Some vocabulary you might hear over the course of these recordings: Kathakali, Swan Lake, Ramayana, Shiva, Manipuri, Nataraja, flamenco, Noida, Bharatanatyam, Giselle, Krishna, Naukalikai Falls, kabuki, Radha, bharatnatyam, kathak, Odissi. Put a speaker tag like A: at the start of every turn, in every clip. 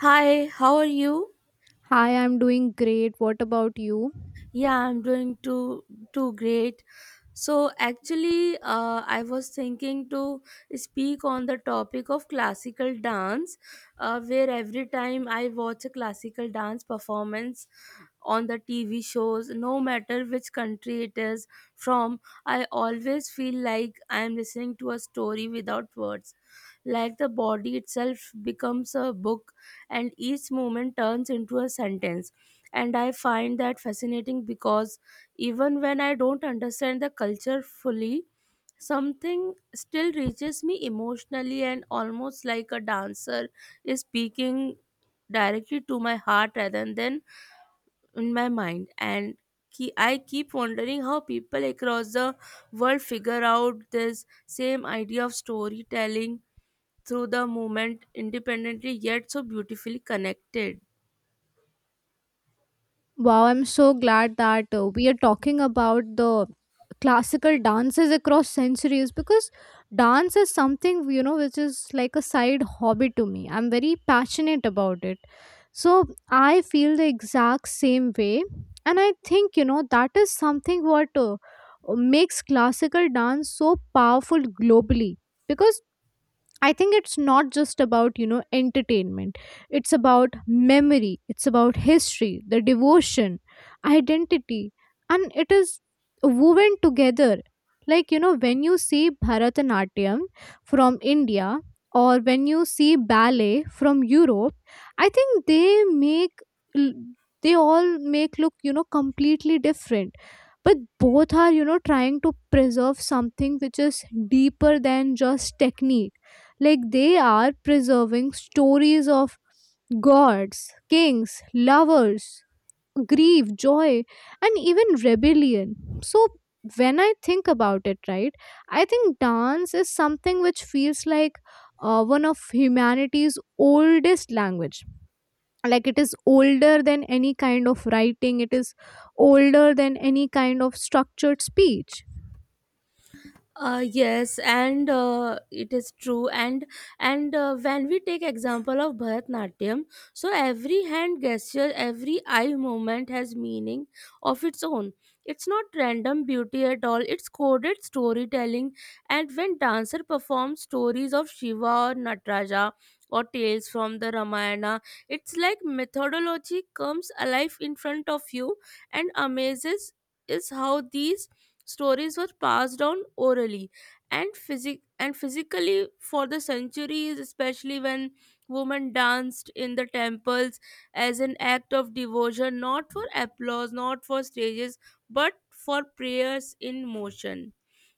A: Hi, how are you?
B: Hi, I'm doing great. What about you?
A: Yeah, I'm doing too great. So actually, I was thinking to speak on the topic of classical dance, where every time I watch a classical dance performance on the TV shows, no matter which country it is from, I always feel like I am listening to a story without words. Like the body itself becomes a book, and each moment turns into a sentence, and I find that fascinating because even when I don't understand the culture fully, something still reaches me emotionally and almost like a dancer is speaking directly to my heart rather than in my mind. And I keep wondering how people across the world figure out this same idea of storytelling through the movement independently yet so beautifully connected.
B: Wow, I'm so glad that we are talking about the classical dances across centuries because dance is something, you know, which is like a side hobby to me. I'm very passionate about it. So I feel the exact same way. And I think, you know, that is something what makes classical dance so powerful globally because I think it's not just about, you know, entertainment. It's about memory, it's about history, the devotion, identity, and it is woven together. Like, you know, when you see Bharatanatyam from India or when you see ballet from Europe, I think they all make look, you know, completely different, but both are, you know, trying to preserve something which is deeper than just technique, like they are preserving stories of gods, kings, lovers, grief, joy, and even rebellion. So when I think about it, right, I think dance is something which feels like one of humanity's oldest language. Like it is older than any kind of writing, it is older than any kind of structured speech.
A: Yes, and it is true. And When we take example of bharatnatyam, so every hand gesture, every eye movement has meaning of its own. It's not random beauty at all, it's coded storytelling. And when dancer performs stories of shiva or nataraja or tales from the ramayana, it's like methodology comes alive in front of you. And amazes is how these stories were passed down orally and physically for the centuries, especially when women danced in the temples as an act of devotion, not for applause, not for stages, but for prayers in motion.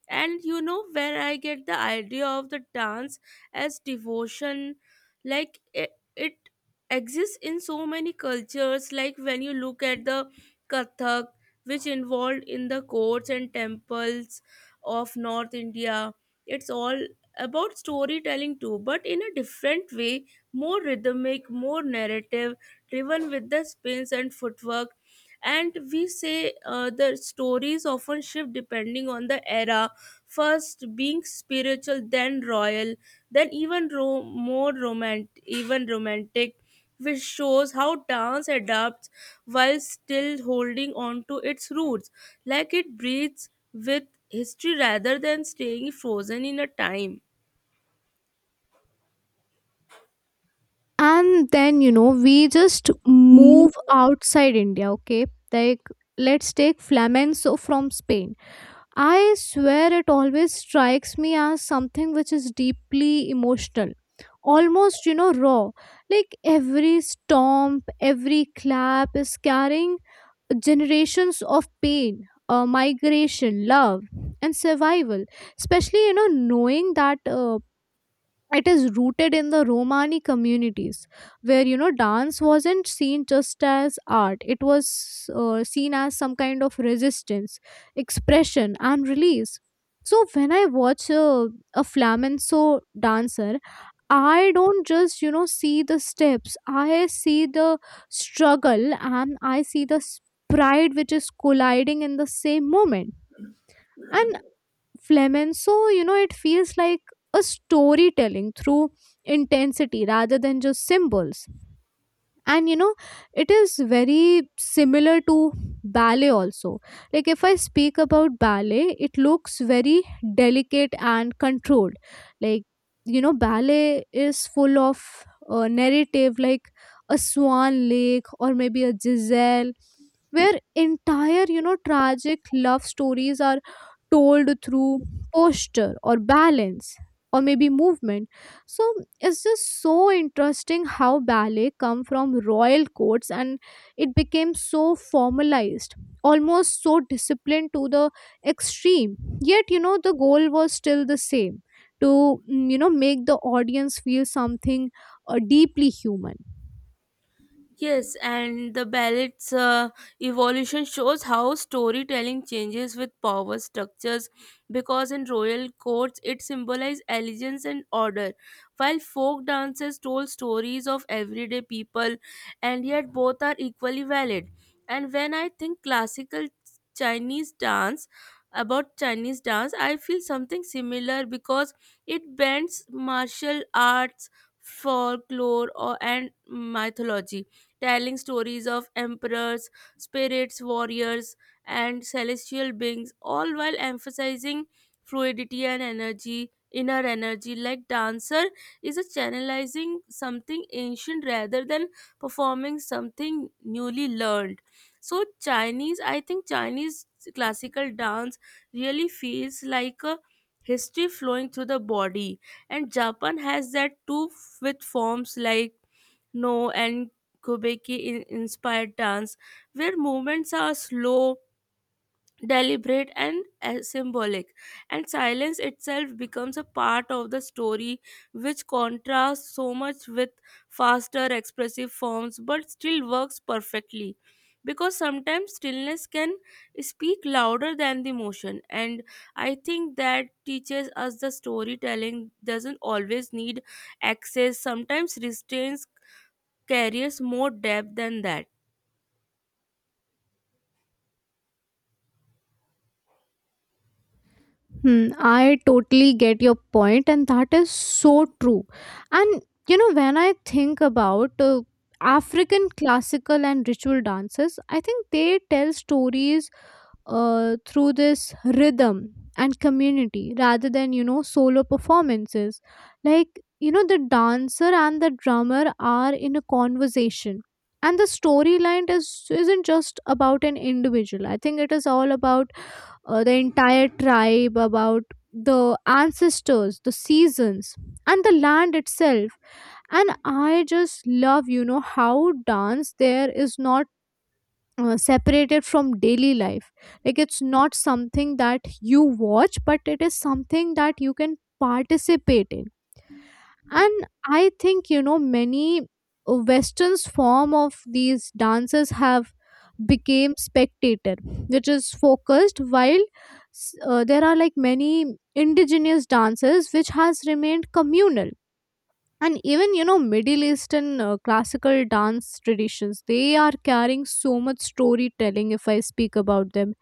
A: And you know where I get the idea of the dance as devotion, like it exists in so many cultures, like when you look at the kathak, which involved in the courts and temples of north india. It's all about storytelling too, but in a different way, more rhythmic, more narrative, driven with the spins and footwork. And we say, the stories often shift depending on the era, first being spiritual, then royal, then even ro- more romantic even romantic, which shows how dance adapts while still holding on to its roots, like it breathes with history rather than staying frozen in a time.
B: And then, you know, we just move outside India, okay, like let's take flamenco from Spain. I swear it always strikes me as something which is deeply emotional, almost, you know, raw, like every stomp, every clap is carrying generations of pain, migration, love, and survival, especially, you know, knowing that it is rooted in the Romani communities, where, you know, dance wasn't seen just as art, it was, seen as some kind of resistance, expression, and release. So when I watch a flamenco dancer, I don't just, you know, see the steps, I see the struggle, and I see the pride which is colliding in the same moment. And flamenco, you know, it feels like a storytelling through intensity rather than just symbols. And you know, it is very similar to ballet also. Like if I speak about ballet, it looks very delicate and controlled. Like, you know, ballet is full of narrative, like a Swan Lake or maybe a Giselle, where entire, you know, tragic love stories are told through posture or balance or maybe movement. So it's just so interesting how ballet come from royal courts and it became so formalized, almost so disciplined to the extreme, yet, you know, the goal was still the same, to you know, make the audience feel something deeply human.
A: Yes, and the ballet's evolution shows how storytelling changes with power structures, because in royal courts it symbolized allegiance and order, while folk dances told stories of everyday people, and yet both are equally valid. And when I think classical Chinese dance, about Chinese dance, I feel something similar because it blends martial arts, folklore, and mythology, telling stories of emperors, spirits, warriors, and celestial beings, all while emphasizing fluidity and energy, inner energy. Like dancer is a channelizing something ancient rather than performing something newly learned. So Chinese, I think Chinese classical dance really feels like a history flowing through the body. And japan has that too, with forms like no and Kubeki inspired dance, where movements are slow, deliberate, and symbolic, and silence itself becomes a part of the story, which contrasts so much with faster expressive forms but still works perfectly. Because sometimes stillness can speak louder than the motion, and I think that teaches us the storytelling doesn't always need access, sometimes restraints carries more depth than that.
B: Hmm, I totally get your point, and that is so true. And you know, when I think about African classical and ritual dances, I think they tell stories through this rhythm and community rather than, you know, solo performances, like, you know, the dancer and the drummer are in a conversation, and the storyline is isn't just about an individual. I think it is all about the entire tribe, about the ancestors, the seasons, and the land itself. And I just love, you know, how dance there is not separated from daily life. Like it's not something that you watch, but it is something that you can participate in. And I think, you know, many westerns form of these dances have became spectator which is focused, while there are like many indigenous dances which has remained communal. And even, you know, middle eastern classical dance traditions, they are carrying so much storytelling if I speak about them.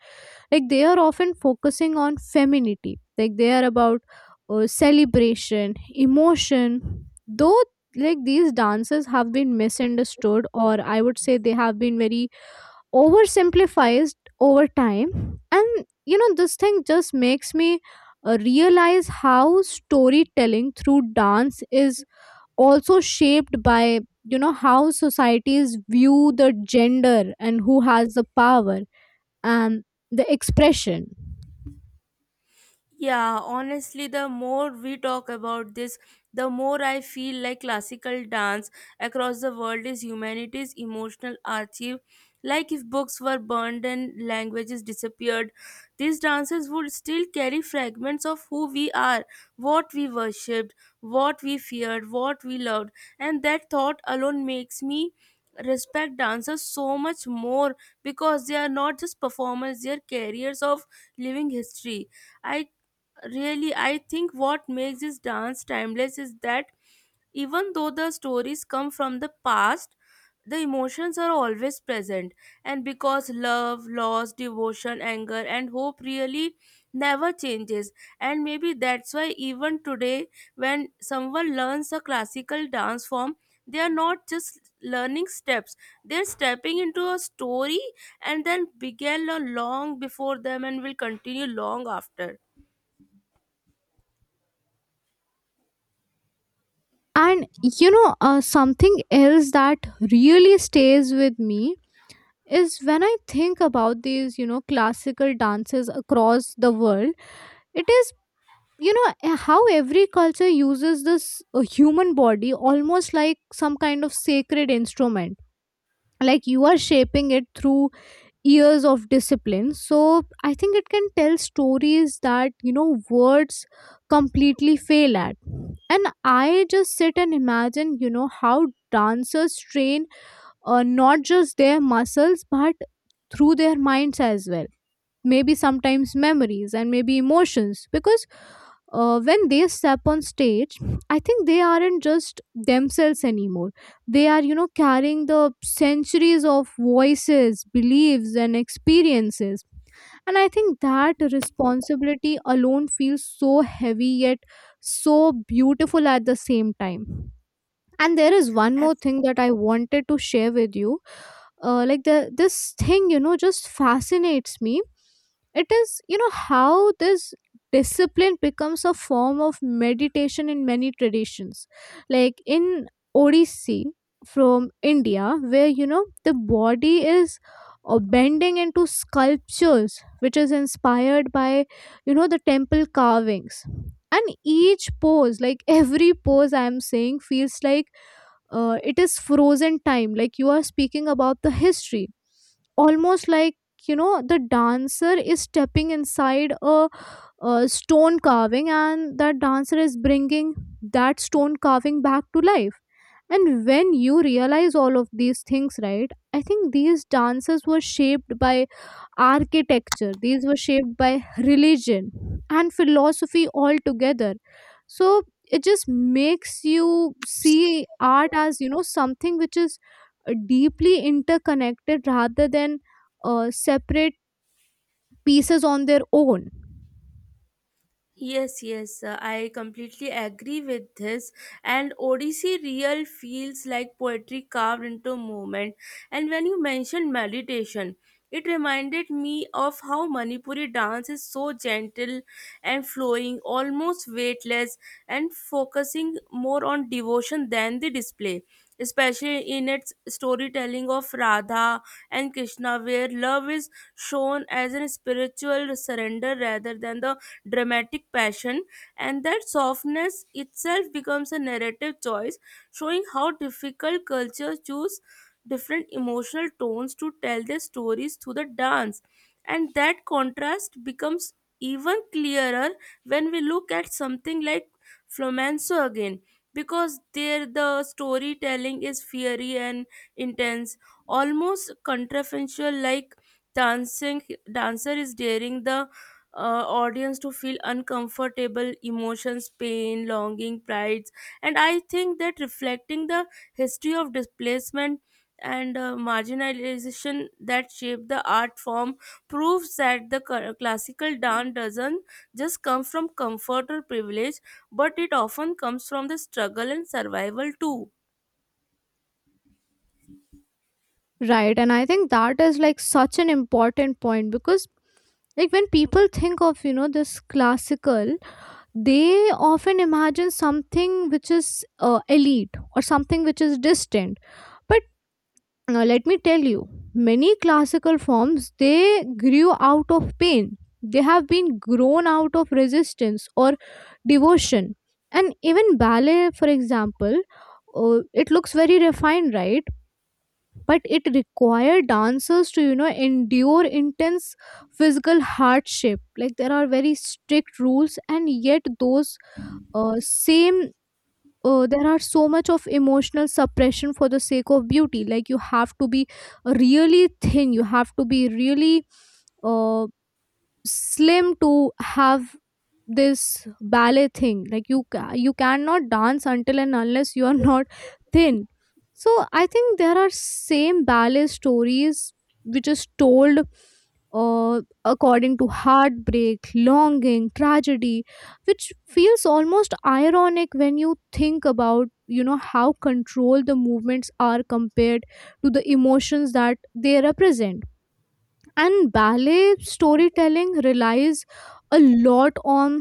B: Like they are often focusing on femininity, like they are about celebration, emotion, though, like these dances have been misunderstood, or I would say they have been very oversimplified over time. And you know, this thing just makes me realize how storytelling through dance is also shaped by, you know, how societies view the gender and who has the power and the expression.
A: Yeah, honestly, the more we talk about this, the more I feel like classical dance across the world is humanity's emotional archive. Like if books were burned and languages disappeared, these dances would still carry fragments of who we are, what we worshipped, what we feared, what we loved, and that thought alone makes me respect dancers so much more, because they are not just performers, they are carriers of living history. I really i think what makes this dance timeless is that even though the stories come from the past, the emotions are always present. And because love, loss, devotion, anger, and hope really never changes. And maybe that's why even today, when someone learns a classical dance form, they are not just learning steps, they're stepping into a story, and then began a long before them and will continue long after.
B: And you know, something else that really stays with me is when I think about these, you know, classical dances across the world, it is, you know, how every culture uses this human body almost like some kind of sacred instrument, like you are shaping it through years of discipline, so I think it can tell stories that, you know, words completely fail at. And I just sit and imagine, you know, how dancers train, not just their muscles, but through their minds as well, maybe sometimes memories and maybe emotions, because when they step on stage, I think they aren't just themselves anymore. They are, you know, carrying the centuries of voices, beliefs, and experiences. And I think that responsibility alone feels so heavy, yet so beautiful at the same time. And there is one more thing that I wanted to share with you, like the this thing, you know, just fascinates me. It is, you know, how this discipline becomes a form of meditation in many traditions, like in Odissi from India, where, you know, the body is bending into sculptures which is inspired by, you know, the temple carvings. And each pose, like every pose I am saying, feels like it is frozen time, like you are speaking about the history, almost like, you know, the dancer is stepping inside a stone carving, and that dancer is bringing that stone carving back to life. And when you realize all of these things, right, I think these dances were shaped by architecture. These were shaped by religion and philosophy altogether. So it just makes you see art as, you know, something which is deeply interconnected rather than separate pieces on their own.
A: Yes, yes, I completely agree with this. And Odyssey real feels like poetry carved into movement. And when you mentioned meditation, it reminded me of how Manipuri dance is so gentle and flowing, almost weightless, and focusing more on devotion than the display, especially in its storytelling of Radha and Krishna, where love is shown as a spiritual surrender rather than the dramatic passion, and that softness itself becomes a narrative choice, showing how difficult cultures choose different emotional tones to tell their stories through the dance. And that contrast becomes even clearer when we look at something like flamenco again, because there the storytelling is fiery and intense, almost contrafactual, like dancing dancer is daring the audience to feel uncomfortable emotions, pain, longing, prides, and I think that reflecting the history of displacement and marginalization that shaped the art form proves that the classical dance doesn't just come from comfort or privilege, but it often comes from the struggle and survival too.
B: Right. And I think that is like such an important point, because like when people think of, you know, this classical, they often imagine something which is elite, or something which is distant, but now, let me tell you, many classical forms, they grew out of pain. They have been grown out of resistance or devotion. And even ballet, for example, it looks very refined, right? But it required dancers to, you know, endure intense physical hardship. Like there are very strict rules, and yet those same there are so much of emotional suppression for the sake of beauty. Like you have to be really thin, you have to be really uh, slim to have this ballet thing. Like you you cannot dance until and unless you are not thin. So I think there are same ballet stories which is told according to heartbreak, longing, tragedy, which feels almost ironic when you think about, you know, how control the movements are compared to the emotions that they represent. And ballet storytelling relies a lot on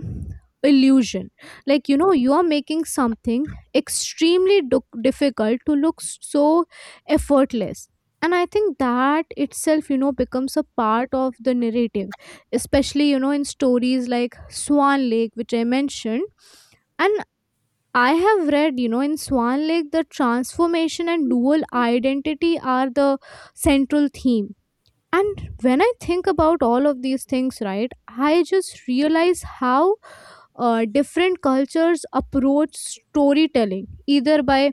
B: illusion, like, you know, you are making something extremely difficult to look so effortless. And I think that itself, you know, becomes a part of the narrative, especially, you know, in stories like Swan Lake, which I mentioned. And I have read, you know, in Swan Lake, the transformation and dual identity are the central theme. And when I think about all of these things, right, I just realize how different cultures approach storytelling, either by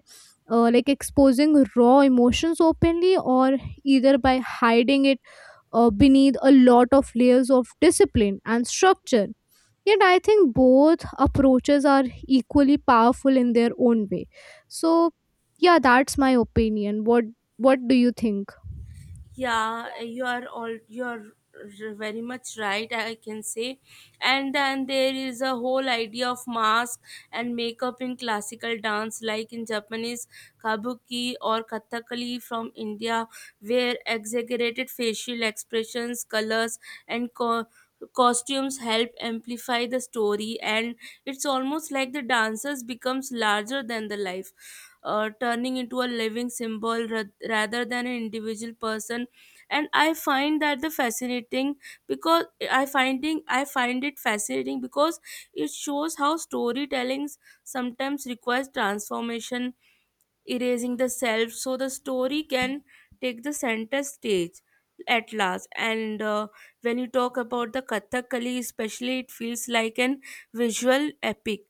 B: like exposing raw emotions openly, or either by hiding it beneath a lot of layers of discipline and structure. Yet, I think both approaches are equally powerful in their own way. So, yeah, that's my opinion. What do you think?
A: Yeah, you are very much right, I can say. And then there is a whole idea of mask and makeup in classical dance, like in Japanese kabuki or kathakali from India, where exaggerated facial expressions, colors, and costumes help amplify the story, and it's almost like the dancers becomes larger than the life, turning into a living symbol rather than an individual person. And I find that the fascinating because I find it fascinating because it shows how storytelling sometimes requires transformation, erasing the self so the story can take the center stage at last. And when you talk about the kathakali especially, it feels like an visual epic,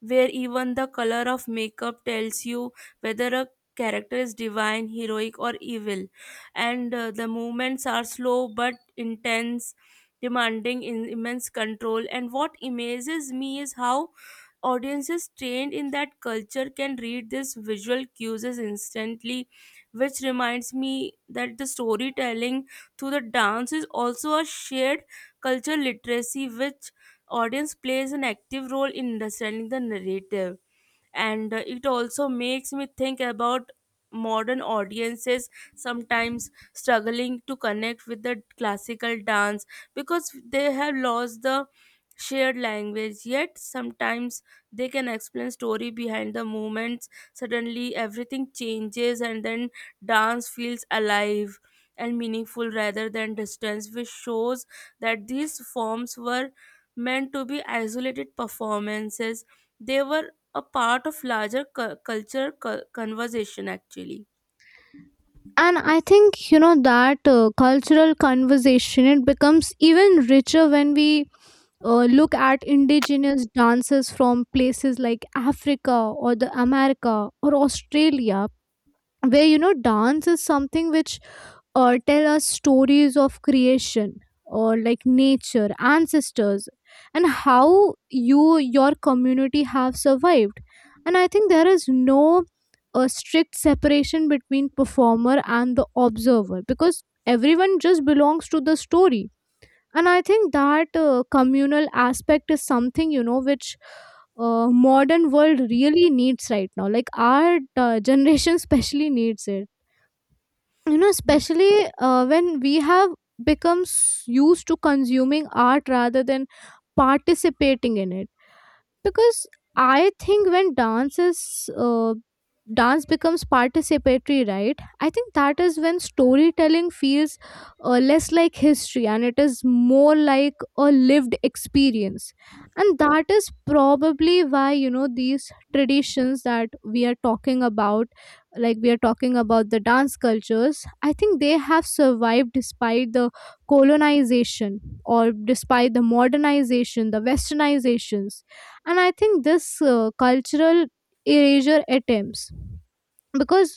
A: where even the color of makeup tells you whether a character is divine, heroic, or evil. And the movements are slow but intense, demanding in immense control. And what amazes me is how audiences trained in that culture can read these visual cues instantly, which reminds me that the storytelling through the dance is also a shared culture literacy, which audience plays an active role in understanding the narrative. And it also makes me think about modern audiences sometimes struggling to connect with the classical dance because they have lost the shared language. Yet sometimes they can explain story behind the movements, suddenly everything changes, and then dance feels alive and meaningful rather than distance, which shows that these forms were meant to be isolated performances. They were a part of larger culture conversation actually.
B: And I think, you know, that cultural conversation, it becomes even richer when we look at indigenous dances from places like Africa, or the America, or Australia, where, you know, dance is something which tell us stories of creation, or like nature, ancestors, and how your community have survived. And I think there is no strict separation between performer and the observer, because everyone just belongs to the story. And I think that communal aspect is something, you know, which modern world really needs right now, like our generation especially needs it, you know, especially when we have become used to consuming art rather than participating in it. Because I think when uh, dance becomes participatory, right, I think that is when storytelling feels less like history and it is more like a lived experience. And that is probably why, you know, these traditions that we are talking about, like we are talking about the dance cultures, I think they have survived despite the colonization, or despite the modernization, the westernizations. And I think this cultural erasure attempts, because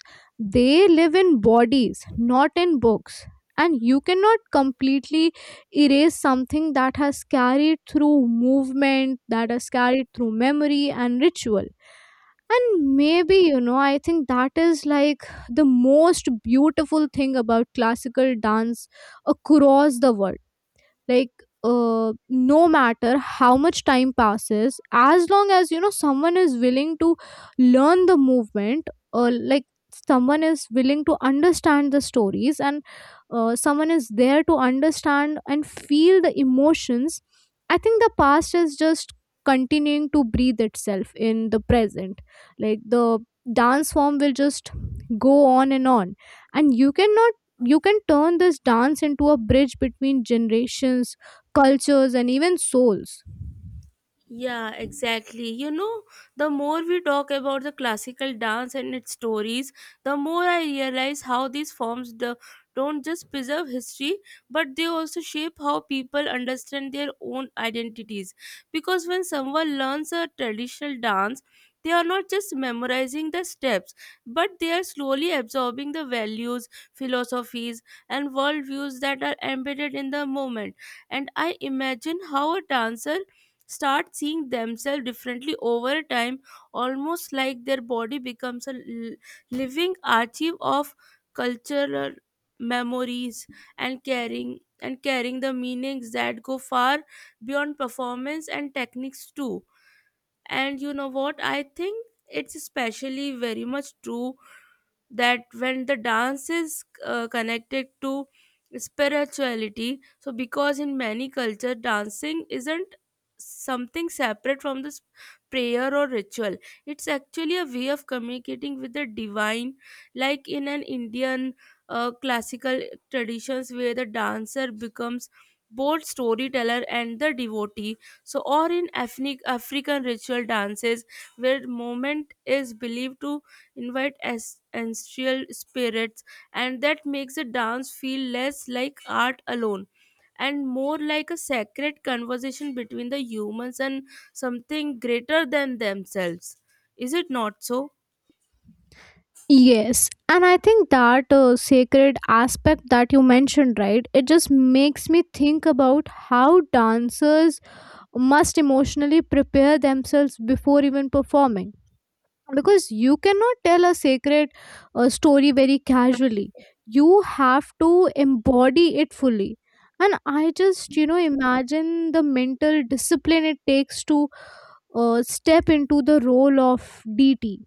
B: they live in bodies, not in books. And you cannot completely erase something that has carried through movement, that has carried through memory and ritual. And maybe, you know, I think that is like the most beautiful thing about classical dance across the world. Like no matter how much time passes, as long as, you know, someone is willing to learn the movement, or like Someone is willing to understand the stories, and someone is there to understand and feel the emotions. I think the past is just continuing to breathe itself in the present. Like the dance form will just go on and on. And you cannot you can turn this dance into a bridge between generations, cultures, and even souls.
A: Yeah, exactly. You know, the more we talk about the classical dance and its stories, the more I realize how these forms don't just preserve history, but they also shape how people understand their own identities. Because when someone learns a traditional dance, they are not just memorizing the steps, but they are slowly absorbing the values, philosophies, and worldviews that are embedded in the moment. And I imagine how a dancer start seeing themselves differently over time, almost like their body becomes a living archive of cultural memories, and carrying the meanings that go far beyond performance and techniques too. And you know what? I think it's especially very much true that when the dance is connected to spirituality. So because in many culture, dancing isn't something separate from this prayer or ritual, it's actually a way of communicating with the divine, like in an indian classical traditions where the dancer becomes both storyteller and the devotee. So or in ethnic african ritual dances, where movement is believed to invite as ancestral spirits, and that makes a dance feel less like art alone and more like a sacred conversation between the humans and something greater than themselves. Is it not so?
B: Yes, and I think that sacred aspect that you mentioned, right? It just makes me think about how dancers must emotionally prepare themselves before even performing. Because you cannot tell a sacred story very casually, you have to embody it fully. And I just, imagine the mental discipline it takes to step into the role of DT,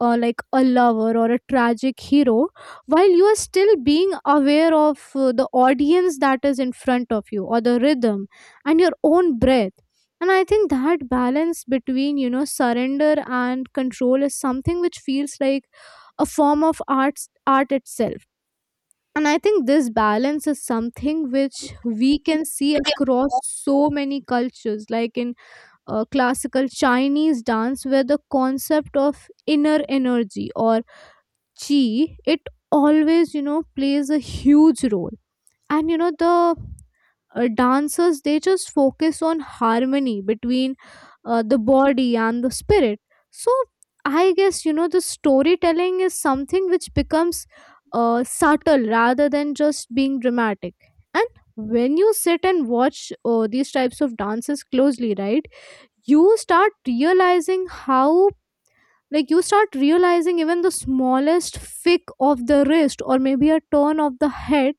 B: like a lover or a tragic hero, while you are still being aware of the audience that is in front of you, or the rhythm, and your own breath. And I think that balance between, surrender and control is something which feels like a form of art, art itself. And I think this balance is something which we can see across so many cultures, like in classical Chinese dance, where the concept of inner energy, or chi, it always, plays a huge role. And you know the dancers, they just focus on harmony between the body and the spirit. So I guess, the storytelling is something which becomes subtle rather than just being dramatic. And when you sit and watch these types of dances closely, right, you start realizing how, you start realizing even the smallest flick of the wrist, or maybe a turn of the head,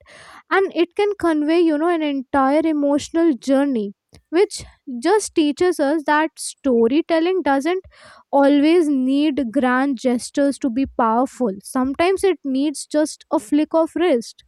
B: and it can convey, an entire emotional journey, which just teaches us that storytelling doesn't always need grand gestures to be powerful. Sometimes it needs just a flick of wrist.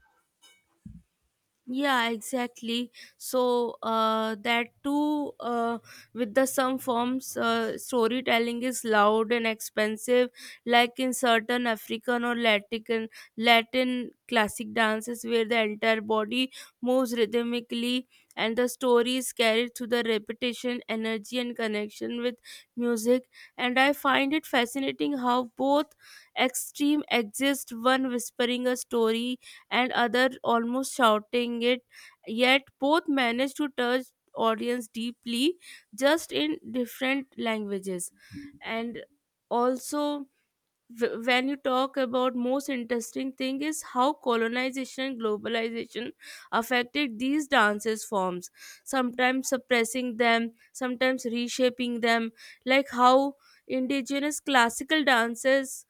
A: Yeah, exactly. So that too, with the some forms, storytelling is loud and expensive, like in certain African or Latin classic dances, where the entire body moves rhythmically, and the story is carried through the repetition, energy, and connection with music. And I find it fascinating how both extreme exist, one whispering a story and other almost shouting it, yet both managed to touch audience deeply, just in different languages. And also, when you talk about most interesting thing is how colonization and globalization affected these dances forms, sometimes suppressing them, sometimes reshaping them, like how indigenous classical dances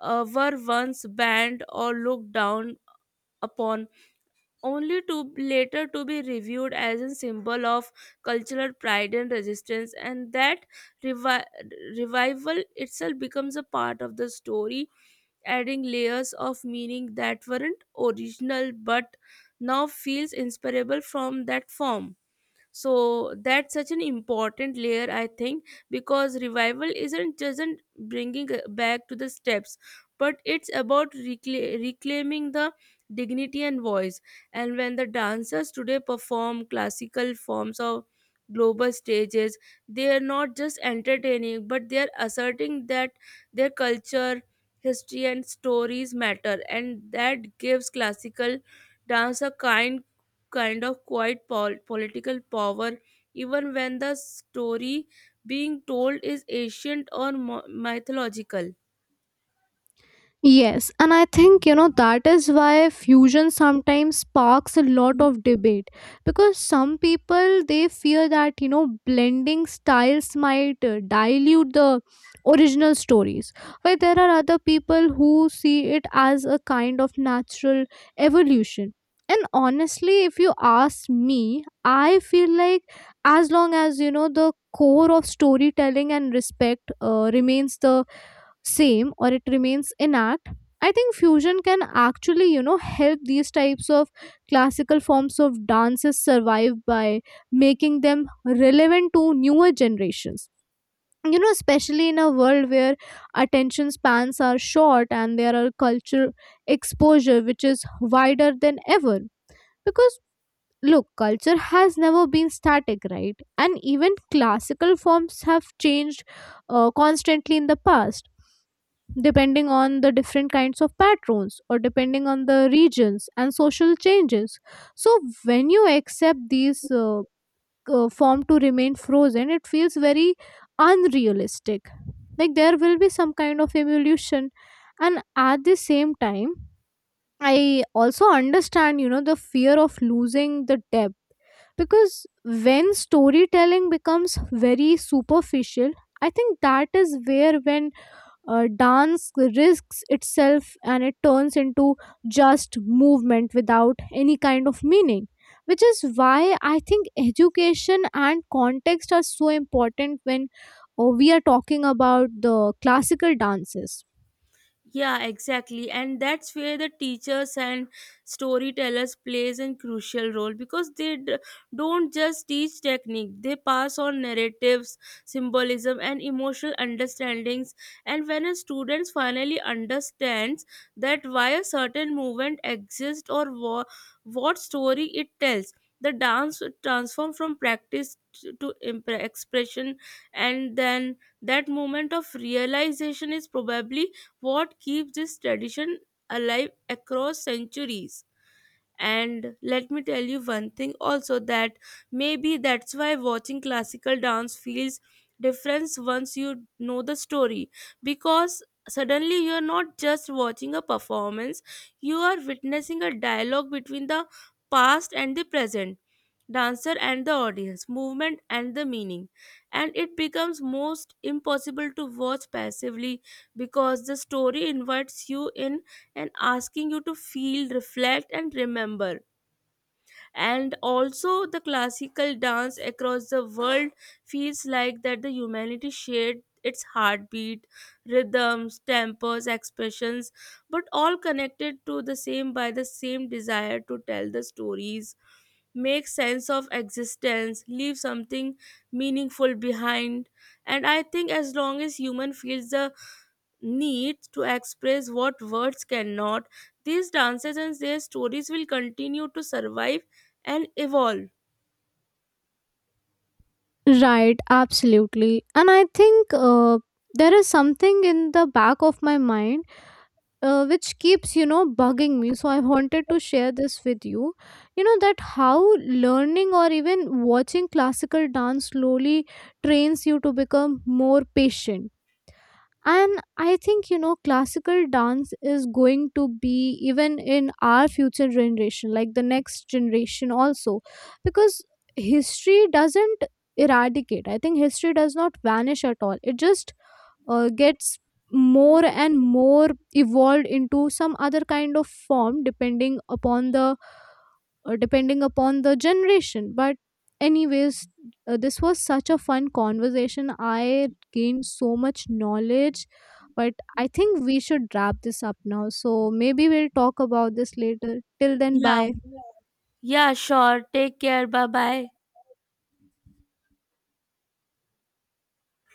A: were once banned or looked down upon, only to later to be reviewed as a symbol of cultural pride and resistance. And that revi- revival itself becomes a part of the story, adding layers of meaning that weren't original but now feels inseparable from that form. So that's such an important layer, I think, because revival isn't just an bringing back to the steps, but it's about reclaiming the dignity and voice. And when the dancers today perform classical forms of global stages, they are not just entertaining, but they are asserting that their culture, history, and stories matter. And that gives classical dance a kind of quiet political power, even when the story being told is ancient or mythological.
B: Yes, and I think, that is why fusion sometimes sparks a lot of debate, because some people, they fear that, blending styles might dilute the original stories, while there are other people who see it as a kind of natural evolution. And honestly, if you ask me, I feel like as long as, the core of storytelling and respect remains the same, or it remains intact, I think fusion can actually, help these types of classical forms of dances survive by making them relevant to newer generations. You know, especially in a world where attention spans are short, and there are culture exposure which is wider than ever. Because, look, culture has never been static, right? And even classical forms have changed constantly in the past, depending on the different kinds of patrons, or depending on the regions and social changes. So when you accept these form to remain frozen, it feels very unrealistic. Like, there will be some kind of evolution. And at the same time, I also understand, the fear of losing the depth, because when storytelling becomes very superficial, I think that is where, when dance risks itself, and it turns into just movement without any kind of meaning. Which is why I think education and context are so important when we are talking about the classical dances.
A: Yeah, exactly. And that's where the teachers and storytellers plays a crucial role, because they don't just teach technique. They pass on narratives, symbolism, and emotional understandings. And when a student finally understands that why a certain movement exists or what story it tells, the dance transforms from practice to expression, and then that moment of realization is probably what keeps this tradition alive across centuries. And let me tell you one thing also, that maybe that's why watching classical dance feels different once you know the story, because suddenly you're not just watching a performance, you are witnessing a dialogue between the past and the present, dancer and the audience, movement and the meaning. And it becomes most impossible to watch passively, because the story invites you in and asking you to feel, reflect, and remember. And also, the classical dance across the world feels like that the humanity shared its heartbeat, rhythms, tempos, expressions, but all connected to the same by the same desire to tell the stories, make sense of existence, leave something meaningful behind. And I think as long as human feels the needs to express what words cannot, these dances and their stories will continue to survive and evolve.
B: Right, absolutely. And I think there is something in the back of my mind which keeps, bugging me. So I wanted to share this with you. You know, that how learning or even watching classical dance slowly trains you to become more patient. And I think, classical dance is going to be even in our future generation, like the next generation also, because history doesn't eradicate. I think history does not vanish at all. It just gets more and more evolved into some other kind of form, depending upon the depending upon the generation. But, anyways, this was such a fun conversation. I gained so much knowledge, but I think we should wrap this up now. So, maybe we'll talk about this later. Till then,
A: Yeah,
B: bye.
A: yeah, sure. Take care. Bye bye.